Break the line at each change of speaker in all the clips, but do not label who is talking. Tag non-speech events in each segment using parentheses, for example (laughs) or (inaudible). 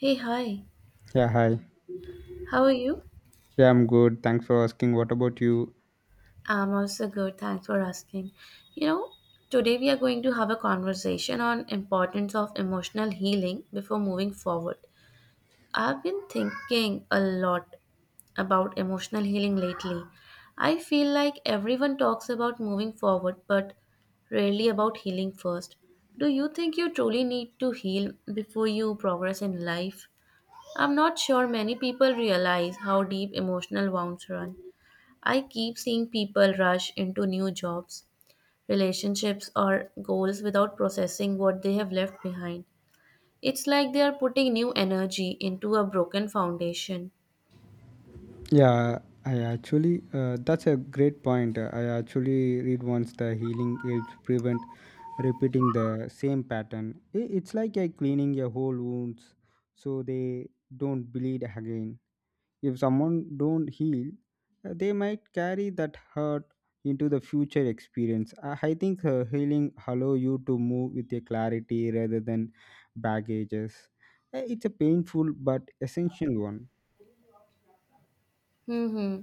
Hey, hi.
Yeah, hi.
How are you?
Yeah, I'm good. Thanks for asking. What about you?
I'm also good. Thanks for asking. You know, today we are going to have a conversation on importance of emotional healing before moving forward. I've been thinking a lot about emotional healing lately. I feel like everyone talks about moving forward but rarely about healing first. Do you think you truly need to heal before you progress in life? I'm not sure many people realize how deep emotional wounds run. I keep seeing people rush into new jobs, relationships, or goals without processing what they have left behind. It's like they are putting new energy into a broken foundation.
Yeah, that's a great point. I actually read once the healing helps prevent repeating the same pattern. It's like cleaning your whole wounds so they don't bleed again. If someone don't heal, they might carry that hurt into the future experience. I think healing allow you to move with a clarity rather than baggages. It's a painful but essential one.
hmm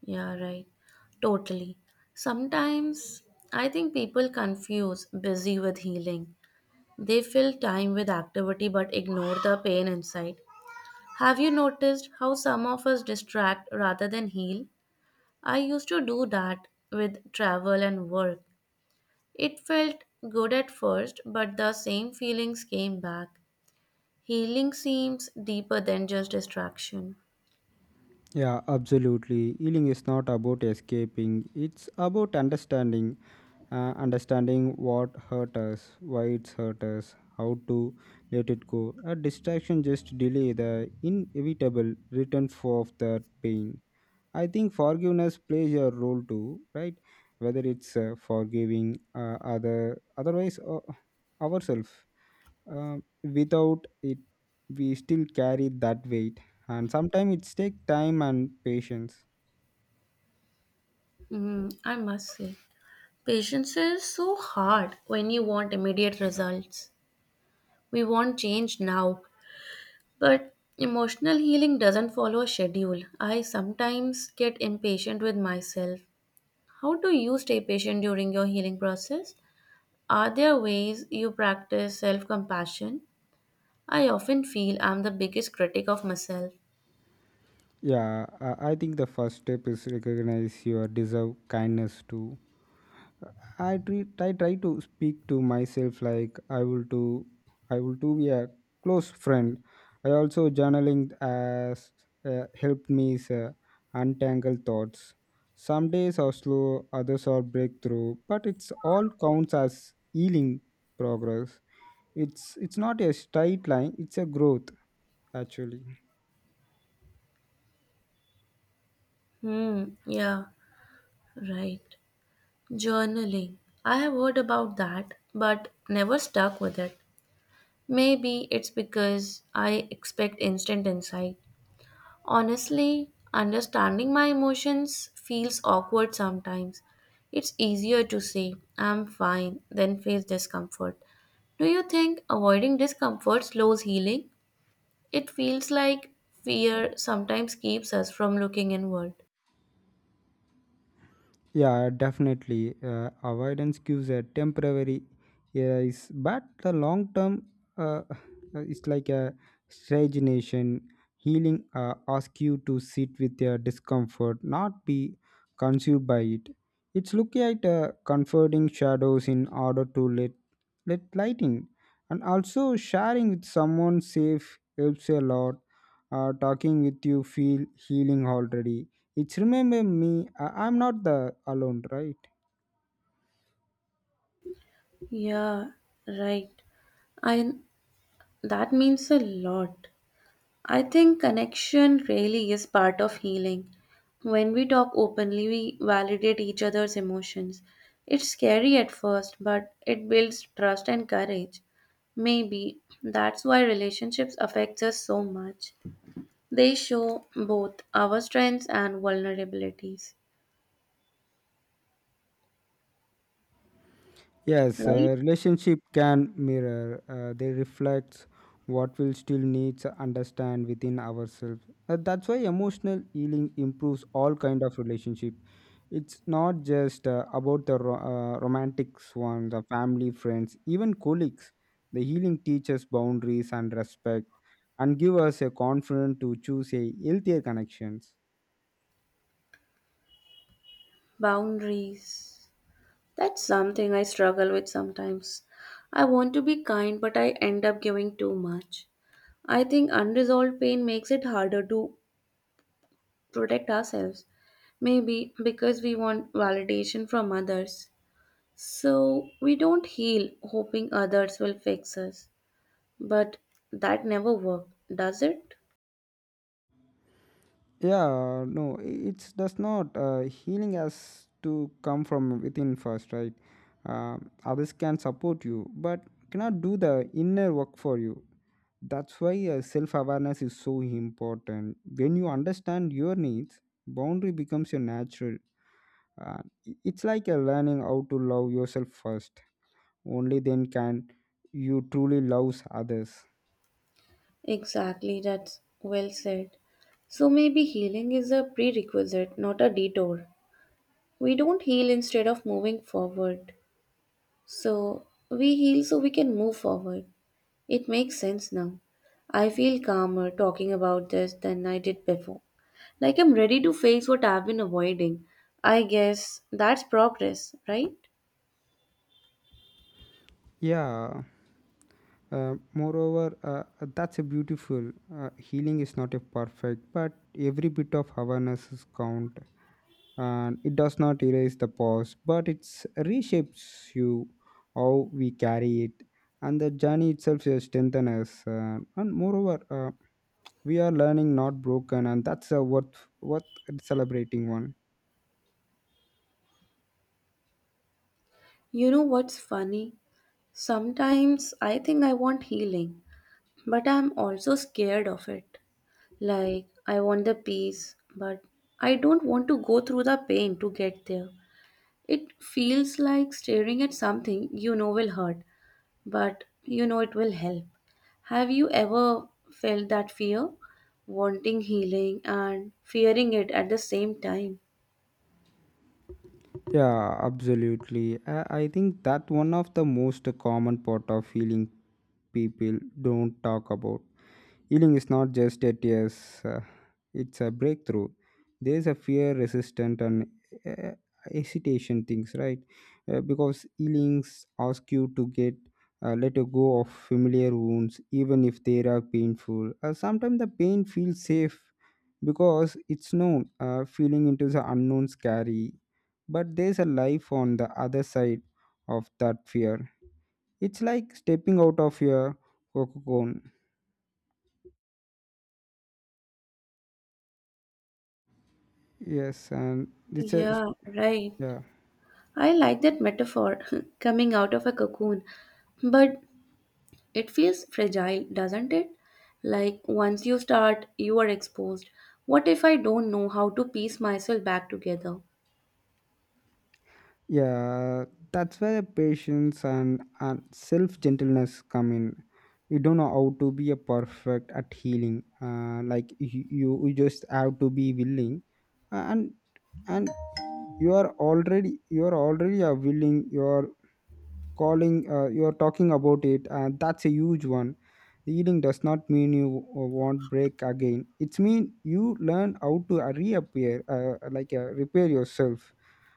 Yeah, right. Totally. Sometimes I think people confuse busy with healing. They fill time with activity but ignore the pain inside. Have you noticed how some of us distract rather than heal? I used to do that with travel and work. It felt good at first, but the same feelings came back. Healing seems deeper than just distraction.
Yeah, absolutely. Healing is not about escaping, it's about understanding. Understanding what hurt us, why it's hurt us, how to let it go. A distraction just delay the inevitable return for of the pain. I think forgiveness plays a role too, right? Whether it's forgiving otherwise ourselves. Um Without it, we still carry that weight, and sometimes it takes time and patience.
Hmm, I must say. Patience is so hard when you want immediate results. We want change now, but emotional healing doesn't follow a schedule. I sometimes get impatient with myself. How do you stay patient during your healing process? Are there ways you practice self compassion? I often feel I'm the biggest critic of myself.
Yeah, I think the first step is recognize your deserve kindness too. I try to speak to myself like I will to be a close friend. I also Journaling has helped me untangle thoughts. Some days are slow, others are breakthrough, but it's all counts as healing progress. It's not a straight line; it's a growth actually.
Hmm, yeah, right. Journaling. I have heard about that, but never stuck with it. Maybe it's because I expect instant insight. Honestly, understanding my emotions feels awkward sometimes. It's easier to say, I'm fine, than face discomfort. Do you think avoiding discomfort slows healing? It feels like fear sometimes keeps us from looking inward.
Yeah, definitely. Avoidance gives a temporary yes, but the long term, uh, it's like a stagnation. Healing asks you to sit with your discomfort, not be consumed by it. It's looking at comforting shadows in order to let light in, and also sharing with someone safe helps a lot. Talking with you feel healing already, it's remember me, I'm not the alone, right?
Yeah, right. I That means a lot. I think connection really is part of healing. When we talk openly, we validate each other's emotions. It's scary at first, but it builds trust and courage. Maybe that's why relationships affect us so much. They show both our strengths and vulnerabilities,
Yes,
right?
a relationship can mirror, they reflect what we still need to understand within ourselves. That's why emotional healing improves all kind of relationship. It's not just about the romantic ones, the family, friends, even colleagues. The healing teaches boundaries and respect and give us a confidence to choose a healthier connections.
Boundaries. That's something I struggle with sometimes. I want to be kind, but I end up giving too much. I think unresolved pain makes it harder to protect ourselves, maybe because we want validation from others. So we don't heal hoping others will fix us. But that never works, does it?
Yeah, no, it does not. Healing has to come from within first, right? uh, Others can support you, but cannot do the inner work for you. That's why self-awareness is so important. When you understand your needs, boundary becomes your natural. uh, it's like a learning how to love yourself first; only then can you truly love others.
Exactly, that's well said. So maybe healing is a prerequisite, not a detour. We don't heal instead of moving forward. So we heal so we can move forward. It makes sense now. I feel calmer talking about this than I did before. Like I'm ready to face what I've been avoiding. I guess that's progress, right?
Yeah. Moreover, that's a beautiful. Healing is not a perfect, but every bit of awareness is count, and it does not erase the past, but it reshapes you how we carry it, and the journey itself is strengthen us. And moreover, we are learning not broken, and that's a worth celebrating one.
You know what's funny? Sometimes I think I want healing, but I'm also scared of it. Like, I want the peace, but I don't want to go through the pain to get there. It feels like staring at something you know will hurt, but you know it will help. Have you ever felt that fear? Wanting healing and fearing it at the same time.
Yeah, absolutely. I think that one of the most common part of healing people don't talk about. Healing is not just a tears, it's a breakthrough. There's a fear, resistance, and uh, hesitation things, right? Because healings ask you to get let you go of familiar wounds, even if they are painful. Sometimes the pain feels safe because it's known. Feeling into the unknown scary, but there's a life on the other side of that fear. It's like stepping out of your cocoon. Yes, and it's a,
Yeah, right.
yeah,
I like that metaphor, (laughs) coming out of a cocoon. But it feels fragile, doesn't it? Like once you start, you are exposed. What if I don't know how to piece myself back together?
yeah. That's where patience and self gentleness come in. You don't know how to be a perfect at healing. Like you just have to be willing, and and you are already a willing. You are talking about it, and that's a huge one. Healing does not mean you won't break again, it's mean you learn how to reappear like repair yourself,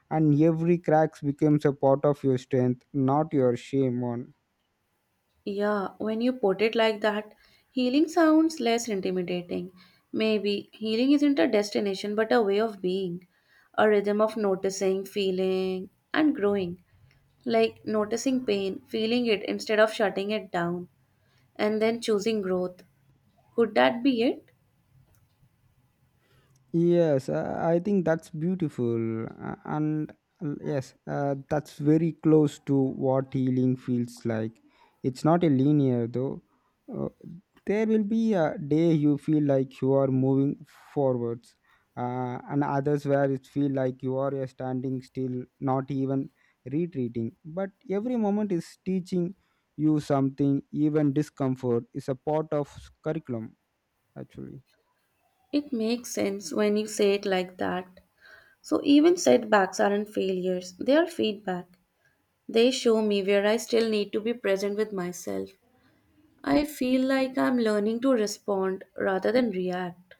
and every cracks becomes a part of your strength, not your shame one.
Yeah, when you put it like that, healing sounds less intimidating. Maybe healing isn't a destination but a way of being, a rhythm of noticing, feeling, and growing. Like noticing pain, feeling it instead of shutting it down, and then choosing growth. Could that be it?
Yes, I think that's beautiful, and yes, that's very close to what healing feels like. It's not a linear though. Uh, there will be a day you feel like you are moving forwards, and others where it feel like you are standing still, not even retreating. But every moment is teaching you something. Even discomfort is a part of curriculum, actually.
It makes sense when you say it like that. So, even setbacks aren't failures, they are feedback. They show me where I still need to be present with myself. I feel like I'm learning to respond rather than react.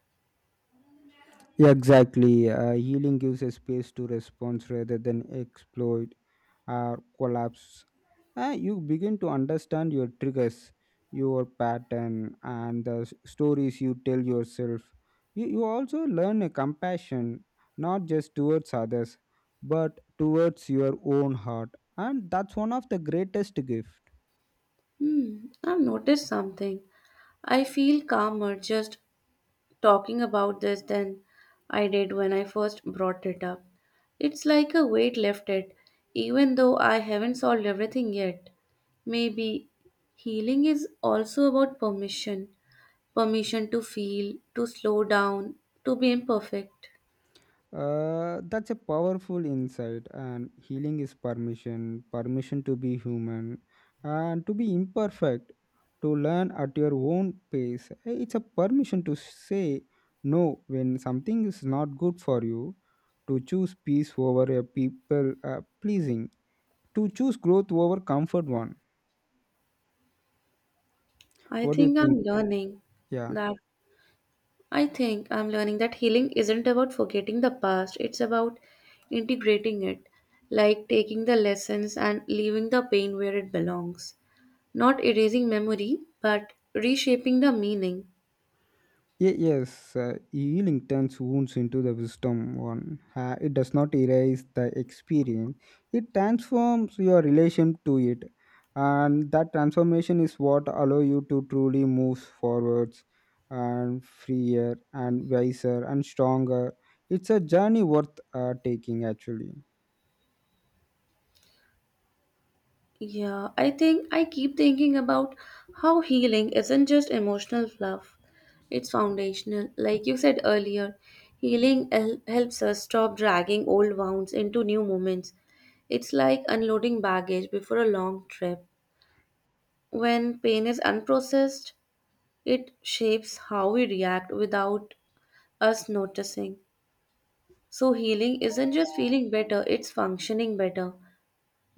Yeah, exactly. Healing gives a space to response rather than exploit or collapse. You begin to understand your triggers, your pattern, and the stories you tell yourself. You also learn a compassion, not just towards others, but towards your own heart. And that's one of the greatest gifts.
Hmm, I've noticed something. I feel calmer just talking about this than I did when I first brought it up. It's like a weight lifted, even though I haven't solved everything yet. Maybe healing is also about permission permission to feel, to slow down, to be imperfect.
That's a powerful insight, and healing is permission to be human and to be imperfect, to learn at your own pace. It's a permission to say no when something is not good for you, to choose peace over a people pleasing, to choose growth over comfort one.
I
What do you
think
think?
I'm learning
Yeah.
that I think I'm learning that healing isn't about forgetting the past, it's about integrating it, like taking the lessons and leaving the pain where it belongs. Not erasing memory, but reshaping the meaning.
Yes, healing turns wounds into the wisdom one. It does not erase the experience, it transforms your relation to it. And that transformation is what allow you to truly move forwards and freer and wiser and stronger. It's a journey worth taking, actually.
Yeah, I think I keep thinking about how healing isn't just emotional fluff, it's foundational. Like you said earlier, helps us stop dragging old wounds into new moments. It's like unloading baggage before a long trip. When pain is unprocessed, it shapes how we react without us noticing. So, healing isn't just feeling better, it's functioning better.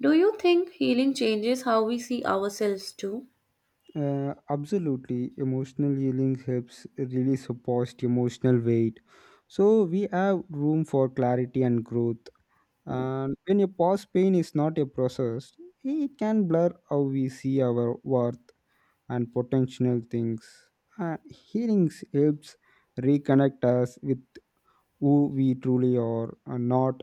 Do you think healing changes how we see ourselves too?
Absolutely. Emotional healing helps release a past emotional weight. So we have room for clarity and growth. And when a past pain is not a process, it can blur how we see our worth and potential things. And healing helps reconnect us with who we truly are and not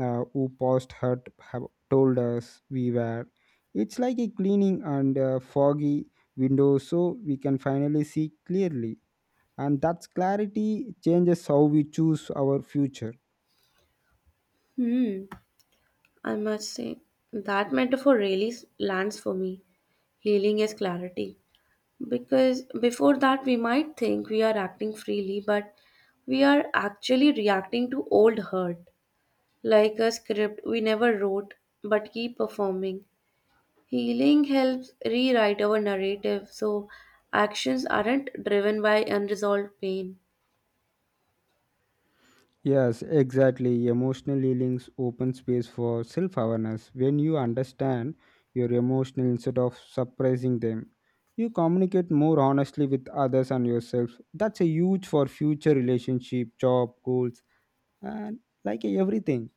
who passed had have told us we were. It's like a cleaning and foggy window so we can finally see clearly. And that clarity changes how we choose our future.
Hmm, I must say, that metaphor really lands for me. Healing is clarity. Because before that, we might think we are acting freely, but we are actually reacting to old hurt. Like a script we never wrote but keep performing. Healing helps rewrite our narrative so actions aren't driven by unresolved pain.
Yes, exactly. Emotional healings open space for self awareness. When you understand your emotional instead of suppressing them, you communicate more honestly with others and yourself. That's a huge for future relationship, job, goals, and like everything.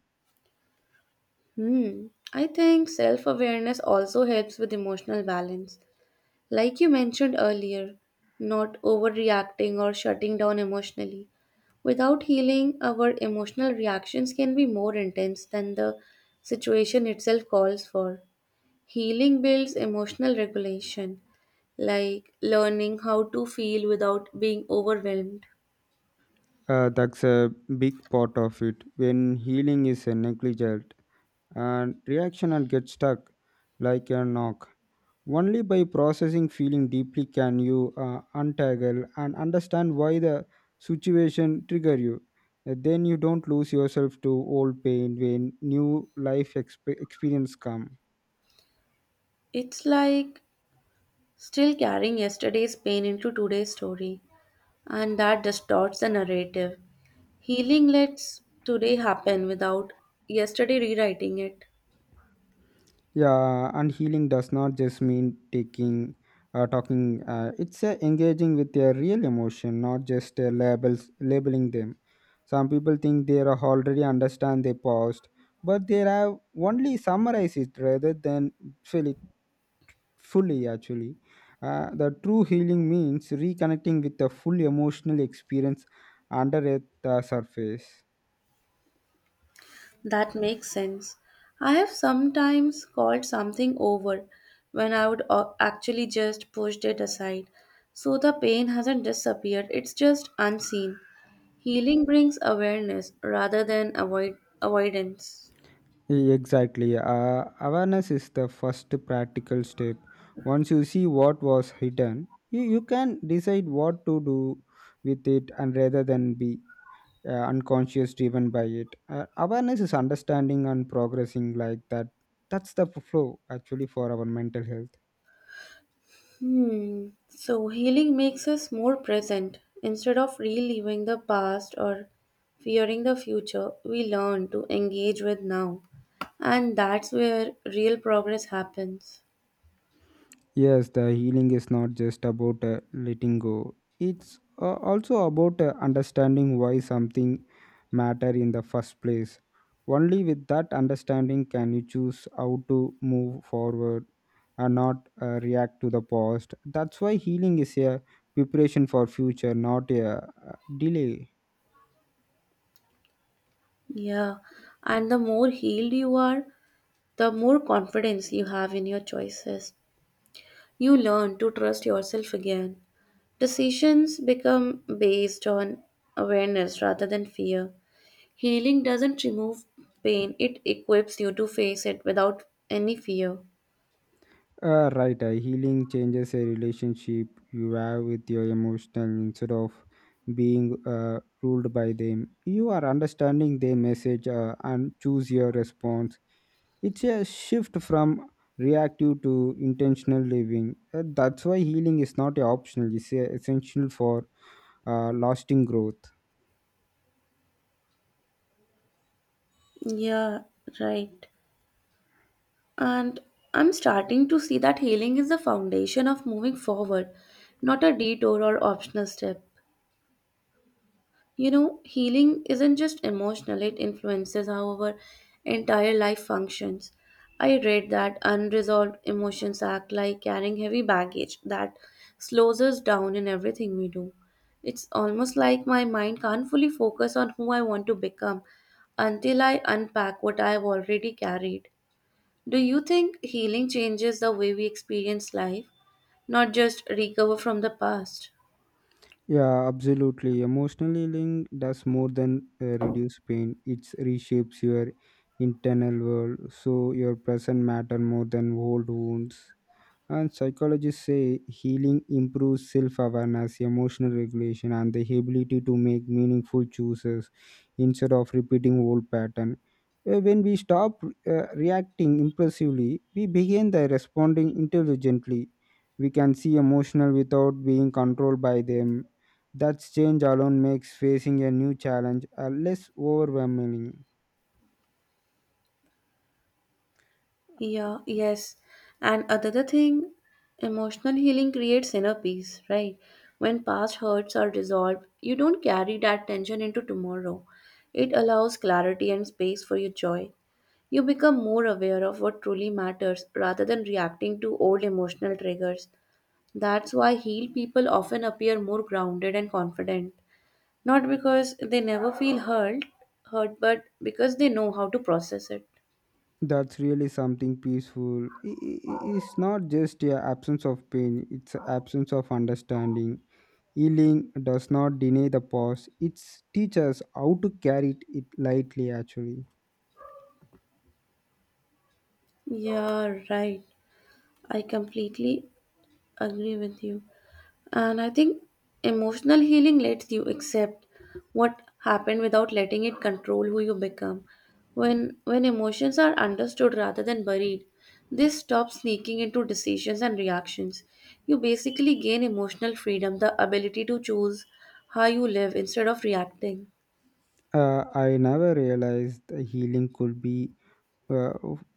Hmm. I think self awareness also helps with emotional balance. Like you mentioned earlier, not overreacting or shutting down emotionally. Without healing, our emotional reactions can be more intense than the situation itself calls for. Healing builds emotional regulation, like learning how to feel without being overwhelmed.
That's a big part of it. When healing is negligent and reaction and get stuck like a knock. Only by processing feeling deeply can you untangle and understand why the situation trigger you. Then you don't lose yourself to old pain when new life experience come.
It's like still carrying yesterday's pain into today's story, and that distorts the narrative. Healing lets today happen without yesterday rewriting it.
Yeah, and healing does not just mean taking talking. It's engaging with their real emotion, not just labels labeling them. Some people think they are already understand their past, but they have only summarize it rather than feel it fully actually. The true healing means reconnecting with the full emotional experience under the surface.
That makes sense. I have sometimes called something over when I would actually just pushed it aside. So the pain hasn't disappeared, it's just unseen. Healing brings awareness rather than avoidance.
Exactly. Awareness is the first practical step. Once you see what was hidden, you can decide what to do with it and rather than be unconscious driven by it. Awareness is understanding and progressing like that. That's the flow actually for our mental health.
Hmm. So healing makes us more present. Instead of reliving the past or fearing the future, we learn to engage with now. And that's where real progress happens.
Yes, the healing is not just about letting go. It's also about understanding why something matter in the first place. Only with that understanding can you choose how to move forward and not react to the past. That's why healing is a preparation for future, not a delay.
Yeah, and the more healed you are, the more confidence you have in your choices. You learn to trust yourself again. Decisions become based on awareness rather than fear. Healing doesn't remove pain, it equips you to face it without any fear.
Right, healing changes a relationship you have with your emotional instead of being ruled by them. You are understanding their message and choose your response. It's a shift from reactive to intentional living. That's why healing is not optional, it's essential for lasting growth.
Yeah, right. And I'm starting to see that healing is the foundation of moving forward, not a detour or optional step. You know, healing isn't just emotional, it influences how our entire life functions. I read that unresolved emotions act like carrying heavy baggage that slows us down in everything we do. It's almost like my mind can't fully focus on who I want to become until I unpack what I've already carried. Do you think healing changes the way we experience life, not just recover from the past?
Yeah, absolutely. Emotionally, healing does more than reduce pain. It reshapes your internal world, so your present matter more than old wounds. And psychologists say healing improves self awareness, emotional regulation, and the ability to make meaningful choices instead of repeating old pattern. When we stop reacting impulsively, we begin the responding intelligently. We can see emotional without being controlled by them. That change alone makes facing a new challenge less overwhelming.
Yeah, yes. And another thing, emotional healing creates inner peace, right? When past hurts are dissolved, you don't carry that tension into tomorrow. It allows clarity and space for your joy. You become more aware of what truly matters rather than reacting to old emotional triggers. That's why healed people often appear more grounded and confident. Not because they never feel hurt, but because they know how to process it.
That's really something peaceful. It's not just a absence of pain; it's a absence of understanding. Healing does not deny the past; it teaches how to carry it lightly. Actually,
Yeah, right. I completely agree with you. And I think emotional healing lets you accept what happened without letting it control who you become. When emotions are understood rather than buried, they stop sneaking into decisions and reactions. You basically gain emotional freedom, the ability to choose how you live instead of reacting.
I never realized that healing could uh,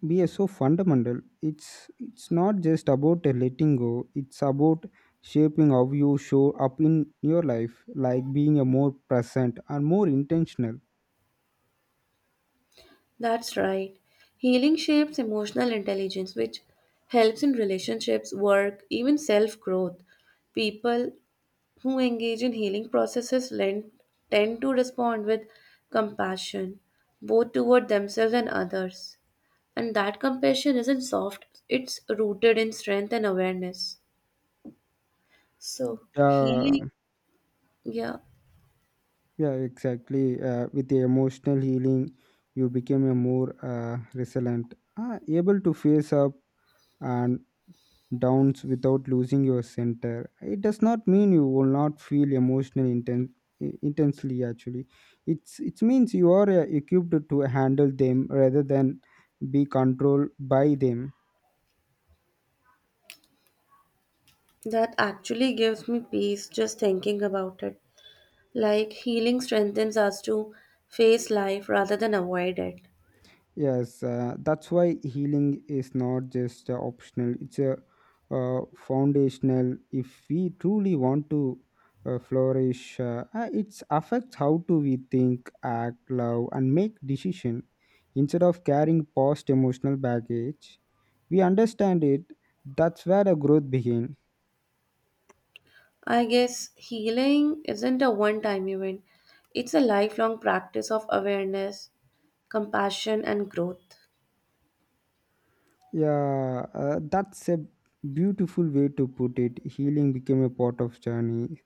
be so fundamental. It's not just about a letting go; it's about shaping how you show up in your life, like being a more present and more intentional.
That's right. Healing shapes emotional intelligence, which helps in relationships, work, even self growth. People who engage in healing processes tend to respond with compassion, both toward themselves and others. And that compassion isn't soft, it's rooted in strength and awareness. So,
Yeah.
healing, yeah,
Yeah, exactly. With the emotional healing, you became a more resilient, able to face up and downs without losing your center. It does not mean you will not feel emotional intensely. Actually, it means you are equipped to handle them rather than be controlled by them.
that actually gives me peace just thinking about it. Like, healing strengthens us to face life rather than avoid it.
Yes, that's why healing is not just optional, it's a foundational. If we truly want to flourish, it affects how do we think, act, love, and make decision. Instead of carrying past emotional baggage, we understand it. That's where the growth begins.
I guess healing isn't a one time event, it's a lifelong practice of awareness, compassion and growth.
Yeah, that's a beautiful way to put it. Healing became a part of journey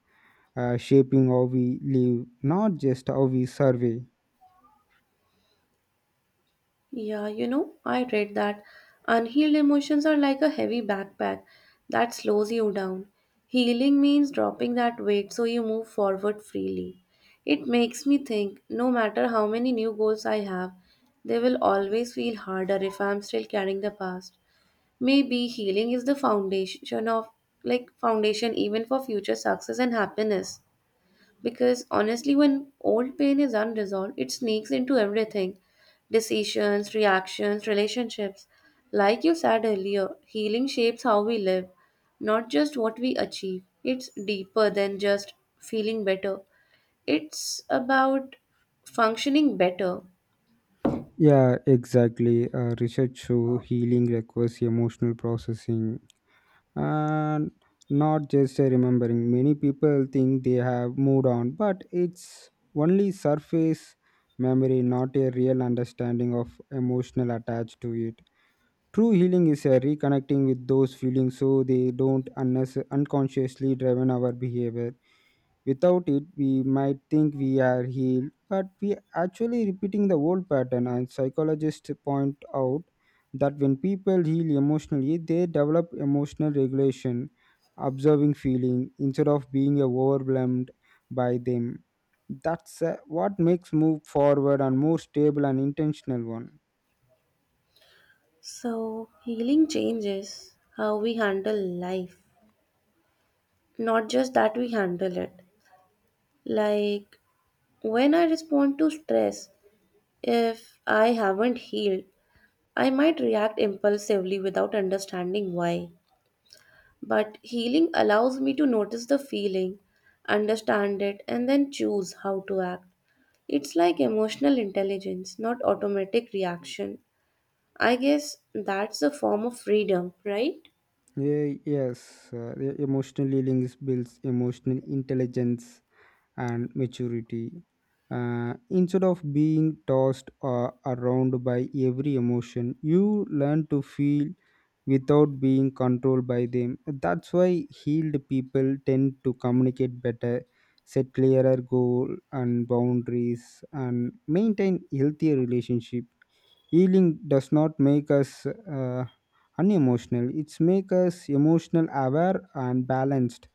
shaping how we live, not just how we survey.
Yeah, you know, I read that unhealed emotions are like a heavy backpack that slows you down. Healing means dropping that weight so you move forward freely. It makes me think no matter how many new goals I have, they will always feel harder if I am still carrying the past. Maybe healing is the foundation of like foundation even for future success and happiness. Because honestly, when old pain is unresolved, it sneaks into everything decisions, reactions, relationships. Like you said earlier, healing shapes how we live, not just what we achieve. It's deeper than just feeling better, it's about functioning better.
Yeah, exactly. Research show healing requires emotional processing and not just a remembering. Many people think they have moved on, but it's only surface memory, not a real understanding of emotional attached to it. True healing is a reconnecting with those feelings so they don't unconsciously driven our behavior. Without it, we might think we are healed, but we actually repeating the old pattern. And psychologists point out that when people heal emotionally, they develop emotional regulation, observing feeling instead of being overwhelmed by them. That's what makes move forward and more stable and intentional one.
So, healing changes how we handle life, not just that we handle it. Like, when I respond to stress, if I haven't healed, I might react impulsively without understanding why, but healing allows me to notice the feeling, understand it, and then choose how to act. It's like emotional intelligence, not automatic reaction. I guess that's a form of freedom, right?
Yeah, yes, emotional healing builds emotional intelligence and maturity. Instead of being tossed around by every emotion, you learn to feel without being controlled by them. That's why healed people tend to communicate better, set clearer goals and boundaries, and maintain healthier relationship. Healing does not make us unemotional; it's make us emotional, aware, and balanced.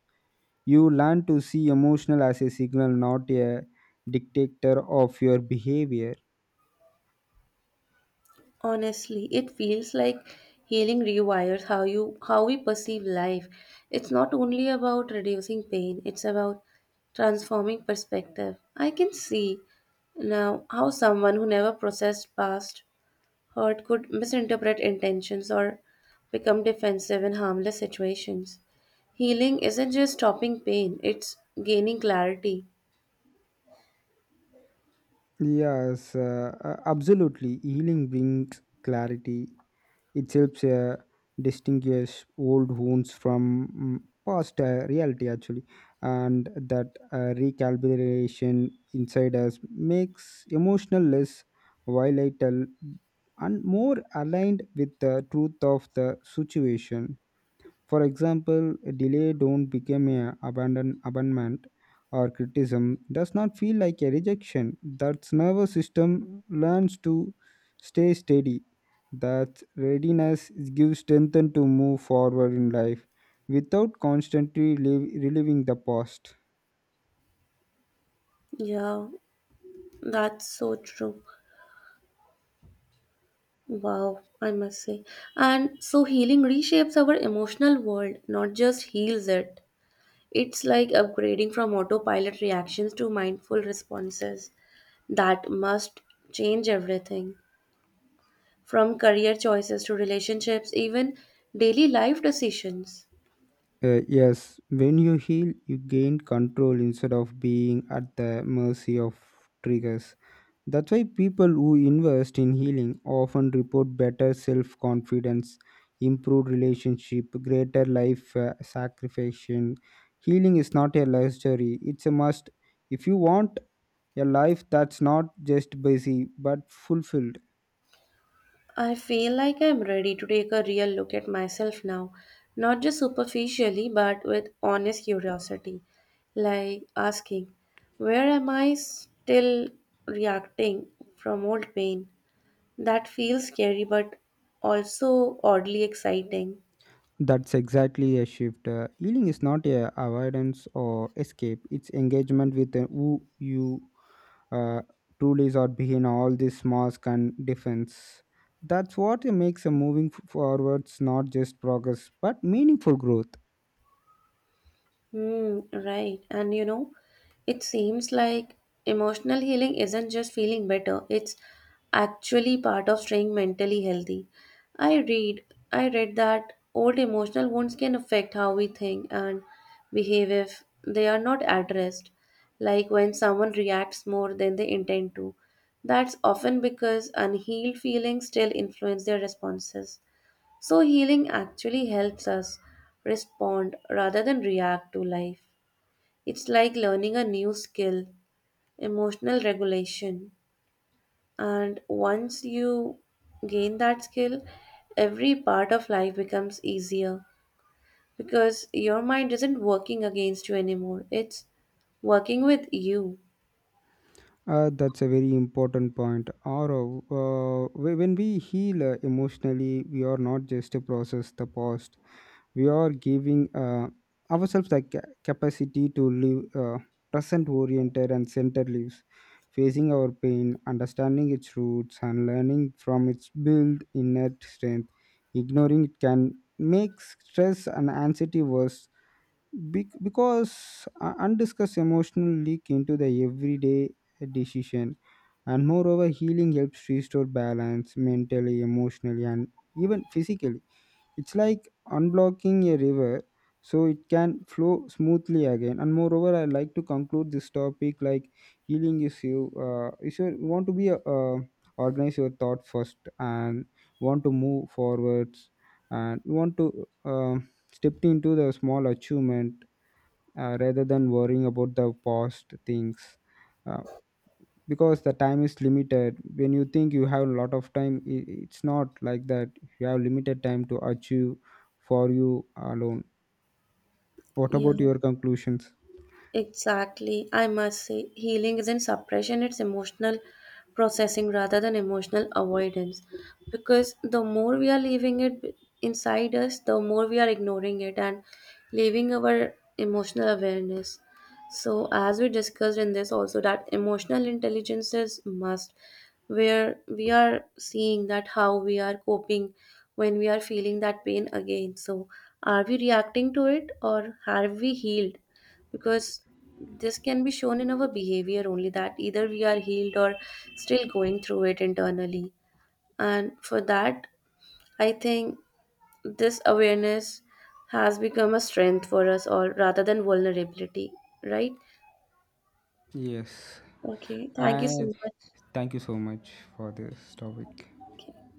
You learn to see emotional as a signal, not a dictator of your behavior.
Honestly, it feels like healing rewires how we perceive life. It's not only about reducing pain, it's about transforming perspective. I can see now how someone who never processed past hurt could misinterpret intentions or become defensive in harmless situations. Healing isn't just stopping pain, it's gaining clarity.
Yes, absolutely. Healing brings clarity. It helps distinguish old wounds from mm, past reality, actually, and that recalibration inside us makes emotional less volatile and more aligned with the truth of the situation. For example, a delay don't become a abandonment or criticism does not feel like a rejection. That nervous system learns to stay steady. That readiness gives strength to move forward in life without constantly reliving the past.
Yeah, that's so true. Wow, I must say. And so healing reshapes our emotional world, not just heals it. It's like upgrading from autopilot reactions to mindful responses that must change everything from career choices to relationships, even daily life decisions.
Yes, when you heal, you gain control instead of being at the mercy of triggers. That's why people who invest in healing often report better self confidence, improved relationship, greater life satisfaction. Healing is not a luxury, it's a must. If you want a life that's not just busy but fulfilled,
I feel like I'm ready to take a real look at myself now, not just superficially, but with honest curiosity. Like asking, where am I still reacting from old pain? That feels scary, but also oddly exciting.
that's exactly a shift. Healing is not a avoidance or escape. It's engagement with who you uh, truly are behind all this mask and defense. That's what makes a forwards not just progress but meaningful growth.
Hmm, right. And you know, it seems like emotional healing isn't just feeling better, it's actually part of staying mentally healthy. I read I read that old emotional wounds can affect how we think and behave if they are not addressed. Like when someone reacts more than they intend to. That's often because unhealed feelings still influence their responses. So, healing actually helps us respond rather than react to life. It's like learning a new skill, emotional regulation. And once you gain that skill, every part of life becomes easier because your mind isn't working against you anymore, it's working with you.
That's a very important point. Or when we heal emotionally, we are not just to process the past, we are giving ourselves the capacity to live present oriented and centered lives, facing our pain, understanding its roots and learning from its built innate strength. Ignoring it can make stress and anxiety worse, because undiscussed emotional leak into the everyday decision. And moreover, healing helps restore balance mentally, emotionally and even physically. It's like unblocking a river so it can flow smoothly again. And moreover, I like to conclude this topic like healing is you. Is you want to be a, organize your thought first and want to move forwards, and you want to step into the small achievement, rather than worrying about the past things. Uh, because the time is limited. When you think you have a lot of time, it's not like that, you have limited time to achieve for you alone. What
Yeah.
about your conclusions?
Exactly. I must say, healing isn't suppression, it's emotional processing rather than emotional avoidance. Because the more we are leaving inside us, the more we are ignoring it and leaving our emotional awareness. So, as we discussed in this, also that emotional intelligence is must, where we are seeing that how we are coping when we are feeling that pain again. So, are we reacting to it or have we healed? Because this can be shown in our behavior only that either we are healed or still going through it internally. And for that, I think this awareness has become a strength for us all rather than vulnerability, right?
Yes,
Okay, thank you so
and
much.
thank you so much for this topic.
Okay.